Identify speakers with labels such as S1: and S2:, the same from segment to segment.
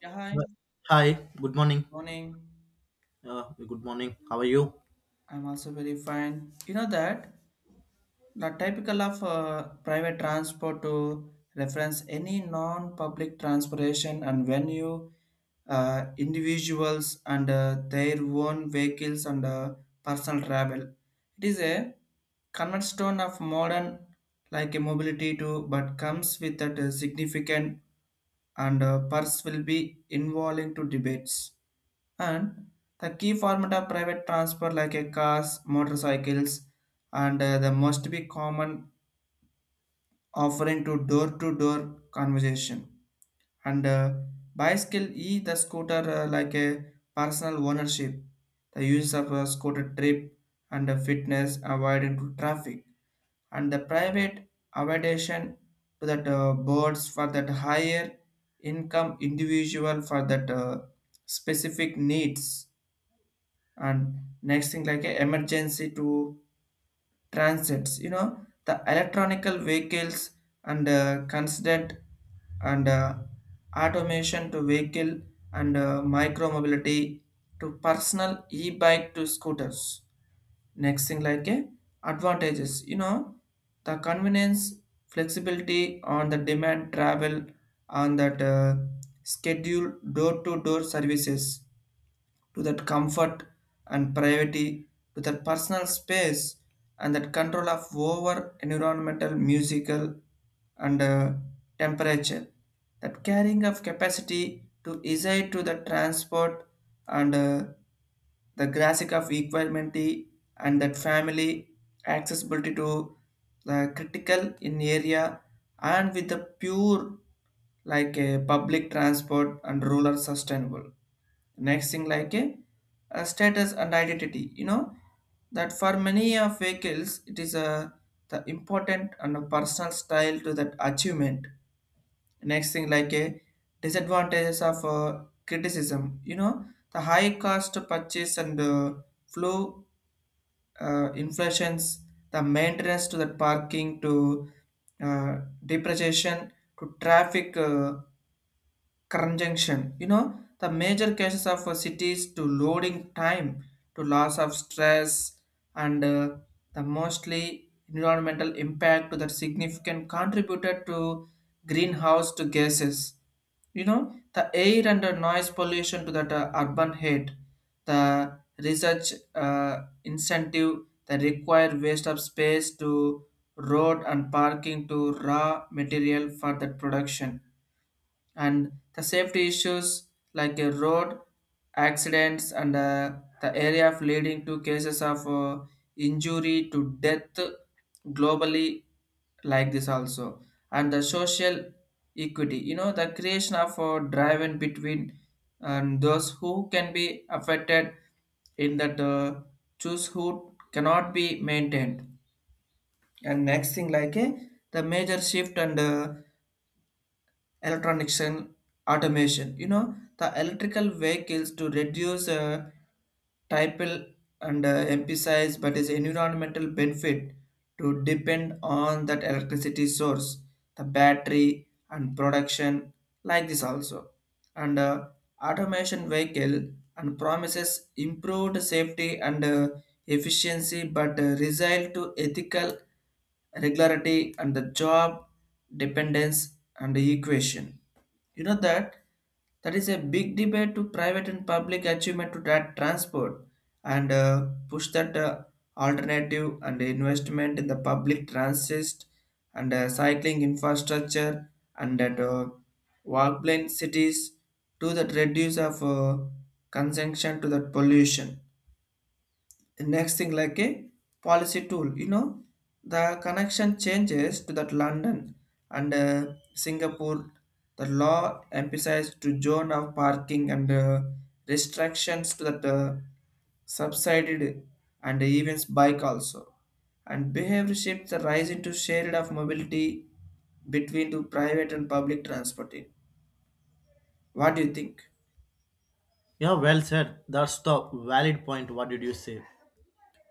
S1: Yeah, hi.
S2: Well, hi, good morning.
S1: Morning.
S2: Good morning. How are you?
S1: I'm also very fine. You know that the typical of private transport to reference any non-public transportation, and when you individuals and their own vehicles and personal travel. It is a cornerstone of modern, like a mobility too, but comes with that significant and purse will be involving to debates. And the key format of private transport, like a cars, motorcycles and the must be common, offering to door conversation and bicycle e the scooter, like a personal ownership, the use of a scooter trip and fitness avoiding to traffic, and the private accommodation to that boards for that higher income individual for that specific needs. And next thing like a emergency to transits, the electronical vehicles and constant and automation to vehicle and micro mobility to personal e-bike to scooters. Next thing like a advantages, the convenience, flexibility on the demand travel, on that schedule, door to door services, to that comfort and privacy, to that personal space and that control of over environmental, musical and temperature. That carrying of capacity to decide to the transport, and the graphic of equality and that family accessibility to the critical in area, and with a pure, like a public transport and rural sustainable. Next thing like a status and identity, that for many of vehicles it is a the important and a personal style to that achievement. Next thing like a disadvantages of criticism, the high cost to purchase and flow, inflations, the maintenance, to the parking, to depreciation, to traffic. Conjunction, the major cases of cities, to loading time, to loss of stress, and the mostly environmental impact to that significant contributed to greenhouse to gases, the air and the noise pollution to that urban heat, the research incentive that require waste of space to road and parking, to raw material for that production. And the safety issues, like road accidents and the area of leading to cases of injury to death globally, like this also. And the social equity, the creation of a drive in between and those who can be affected, in that choose who cannot be maintained. And next thing like the major shift and electronics and automation, the electrical vehicles to reduce typical and emphasize, but is environmental benefit to depend on that electricity source, the battery and production, like this also. And automation vehicle and promises improved safety and efficiency, but result to ethical regularity and the job dependence. And the equation, that that is a big debate to private and public achievement to that transport, and push that alternative and investment in the public transit and cycling infrastructure, and that walk plane cities, to that reduce of consumption, to that pollution. Next thing like a policy tool, the connection changes to that London and Singapore, the law emphasized to zone of parking and restrictions to that subsided, and even bike also. And behavior shift, the rise into shared of mobility between the private and public transport. What do you think?
S2: Yeah, well said. That's the valid point. What did you say?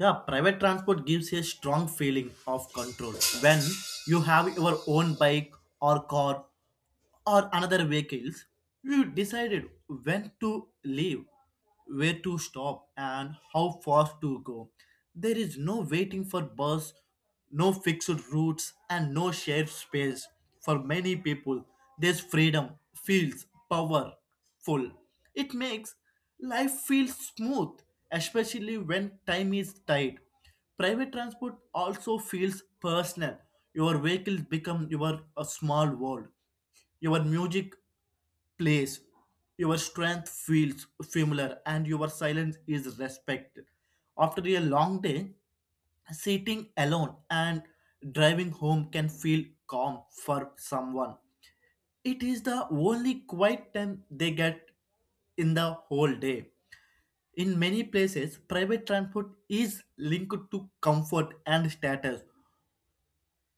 S2: Yeah, private transport gives a strong feeling of control when you have your own bike or car or another vehicles, you decided when to leave, where to stop, and how fast to go. There is no waiting for bus, no fixed routes, and no shared space. For many people, this freedom feels powerful. It makes life feel smooth, especially when time is tight. Private transport also feels personal. Your vehicles become your a small world, your music plays, your strength feels familiar, and your silence is respected. After a long day, sitting alone and driving home can feel calm for someone. It is the only quiet time they get in the whole day. In many places, private transport is linked to comfort and status.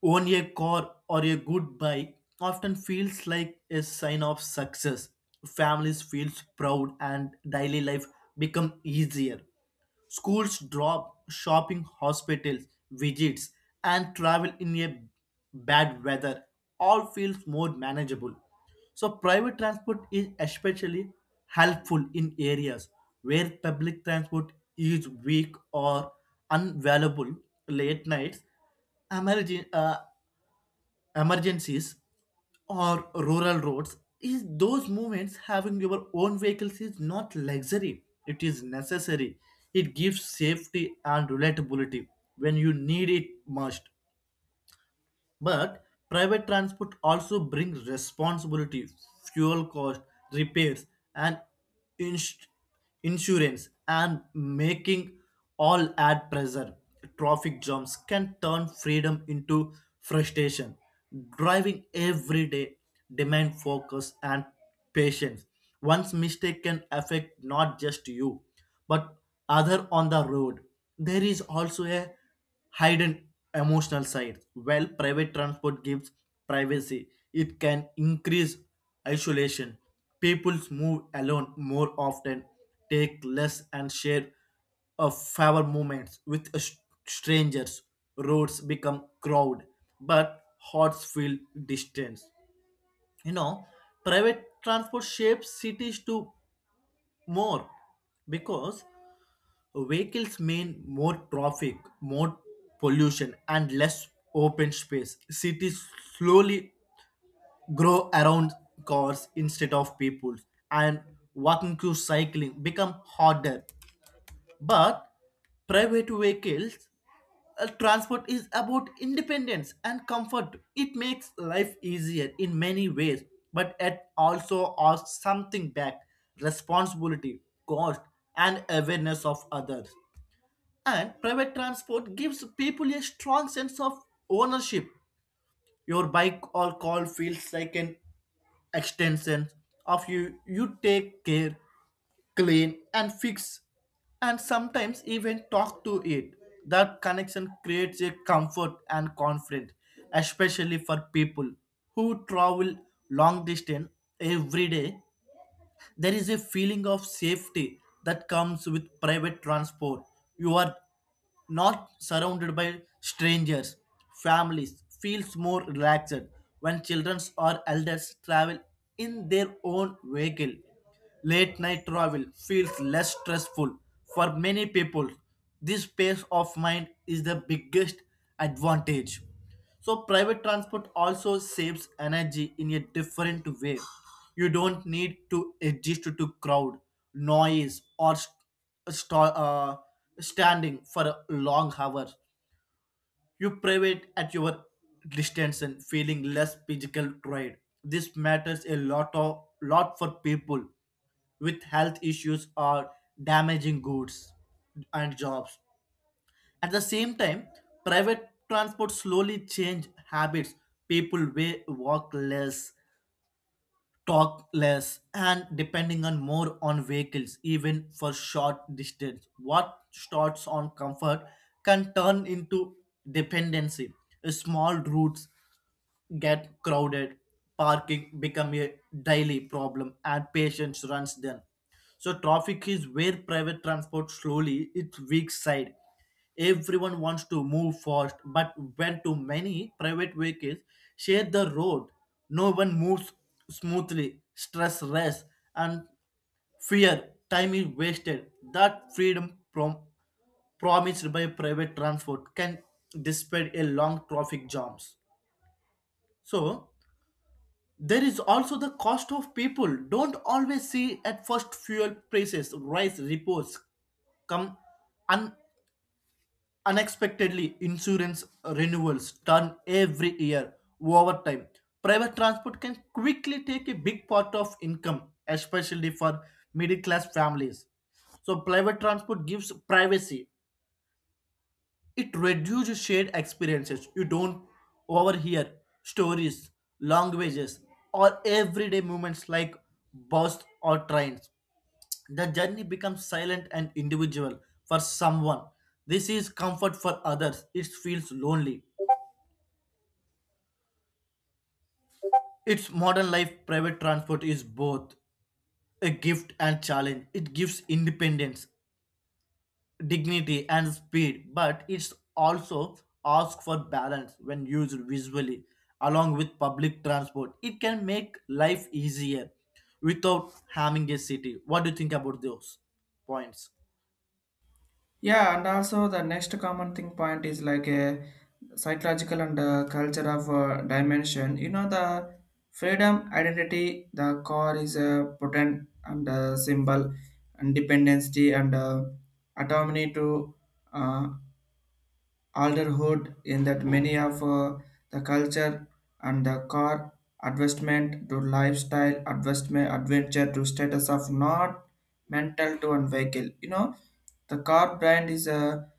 S2: Own a car or a good bike often feels like a sign of success. Families feel proud and daily life become easier. Schools drop, shopping, hospitals, visits, and travel in a bad weather all feels more manageable. So private transport is especially helpful in areas where public transport is weak or unavailable late nights emergen- uh, emergencies or rural roads is those moments having your own vehicles is not luxury, it is necessary. It gives safety and relatability when you need it most. But private transport also brings responsibility, fuel cost, repairs, and ins- insurance, and making all add pressure. Traffic jams can turn freedom into frustration. Driving every day demand focus and patience. One's mistake can affect not just you, but other on the road. There is also a hidden emotional side. While private transport gives privacy, it can increase isolation. People move alone more often, take less, and share of favor moments with strangers. Roads become crowded, but hearts feel distance. You know, private transport shapes cities to more because vehicles mean more traffic, more pollution, and less open space. Cities slowly grow around cars instead of people, and walking to cycling become harder. But private vehicles transport is about independence and comfort. It makes life easier in many ways, but it also asks something back: responsibility, cost, and awareness of others. And private transport gives people a strong sense of ownership. Your bike or car feels like an extension of you. You take care, clean, and fix, and sometimes even talk to it. That connection creates a comfort and confidence, especially for people who travel long distance every day. There is a feeling of safety that comes with private transport. You are not surrounded by strangers. Families feels more relaxed when children or elders travel in their own vehicle. Late night travel feels less stressful for many people. This peace of mind is the biggest advantage. So private transport also saves energy in a different way. You don't need to adjust to crowd, noise, or st- uh, standing for a long hours. You private at your distance and feeling less physical tired. This matters a lot for people with health issues or damaging goods and jobs. At the same time, private transport slowly changed habits. People walk less, talk less, and depending on more on vehicles, even for short distance. What starts on comfort can turn into dependency. Small routes get crowded, parking become a daily problem and patience runs then. So traffic is where private transport slowly its weak side. Everyone wants to move fast, but when too many private vehicles share the road, no one moves smoothly. Stress, rest, and fear, time is wasted. That freedom promised by private transport can dispel a long traffic jams. So there is also the cost of people. Don't always see at first fuel prices rise, reports come un- unexpectedly, insurance renewals turn every year over time. Private transport can quickly take a big part of income, especially for middle class families. So private transport gives privacy, it reduces shared experiences. You don't overhear stories, languages, or everyday moments like bus or trains. The journey becomes silent and individual for someone. This is comfort for others. It feels lonely. Its modern life private transport is both a gift and challenge. It gives independence dignity and speed, but it's also ask for balance when used visually along with public transport. It can make life easier without harming a city. What do you think about those points?
S1: Yeah, and also the next common thing point is like a psychological and culture of dimension. You know, the freedom identity, the core is a potent and symbol, and dependency and autonomy to uh, alderhood in that many of the culture, and the car advancement to lifestyle advancement, adventure to status of not mental to and vehicle, the car brand is a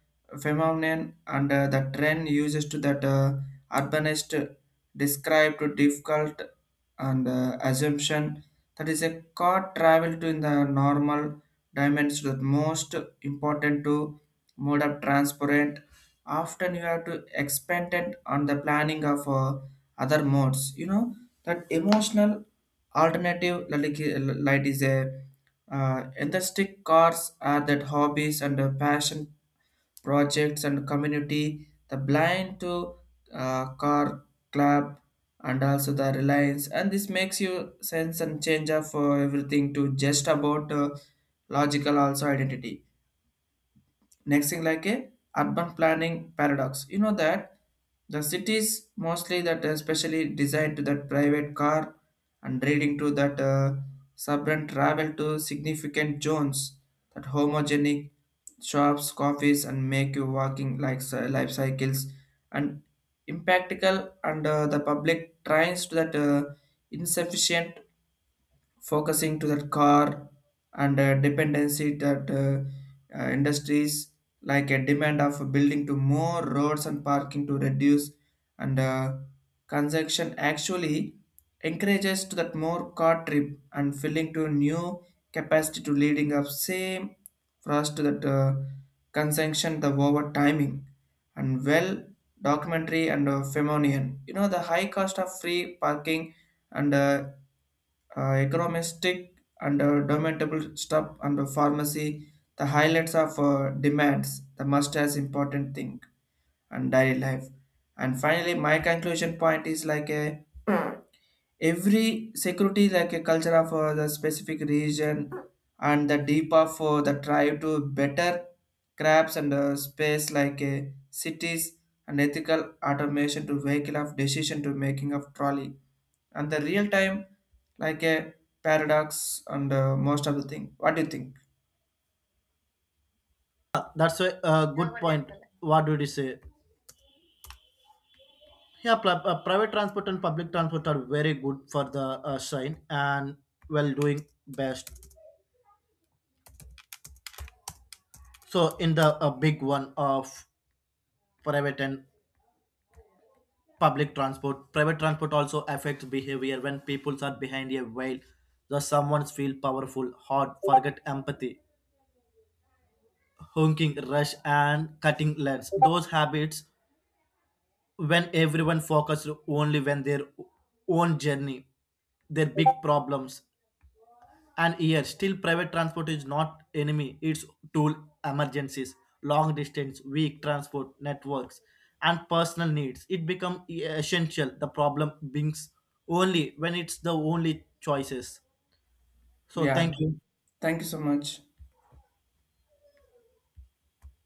S1: phenomenon, and the trend uses to that urbanist described to difficult and assumption, that is a car travel to in the normal dimensions, that most important to mode of transport, often you have to expand it on the planning of other modes, that emotional alternative, like is a enthusiastic, cars are that hobbies and passion projects and community, the blind to car club, and also the reliance. And this makes you sense and change of everything, to just about logical also identity. Next thing like a urban planning paradox, that the cities mostly that especially designed to that private car, and leading to that suburban travel to significant zones, that homogenic shops, coffees, and make you walking, like life cycles and impractical, and the public tries to that insufficient focusing to that car and dependency, that industries, like a demand of building to more roads and parking, to reduce and consumption, actually encourages to that more car trip and filling to new capacity, to leading up same for us to that consumption the over timing, and well documentary and Femonian. You know, the high cost of free parking and uh, economistic and documentable stuff and the pharmacy, the highlights of demands, the must as important thing and daily life. And finally, my conclusion point is like a every security, like a culture of the specific region and the deep of the tribe to better crabs and space, like cities and ethical automation to vehicle of decision to making of trolley, and the real time like a paradox and most of the thing. What do you think?
S2: Yeah, good point. What did you say? Yeah, private transport and public transport are very good for the shine and well doing best. So in the big one of private and public transport, private transport also affects behavior when people are behind a wheel. The someone feel powerful hard forget empathy, honking rush and cutting lanes those habits when everyone focused only when their own journey, their big problems. And here, still private transport is not enemy, it's tool: emergencies, long distance, weak transport networks, and personal needs. It become essential. The problem beings only when it's the only choices. So
S1: Yeah,
S2: thank you.
S1: thank you so much.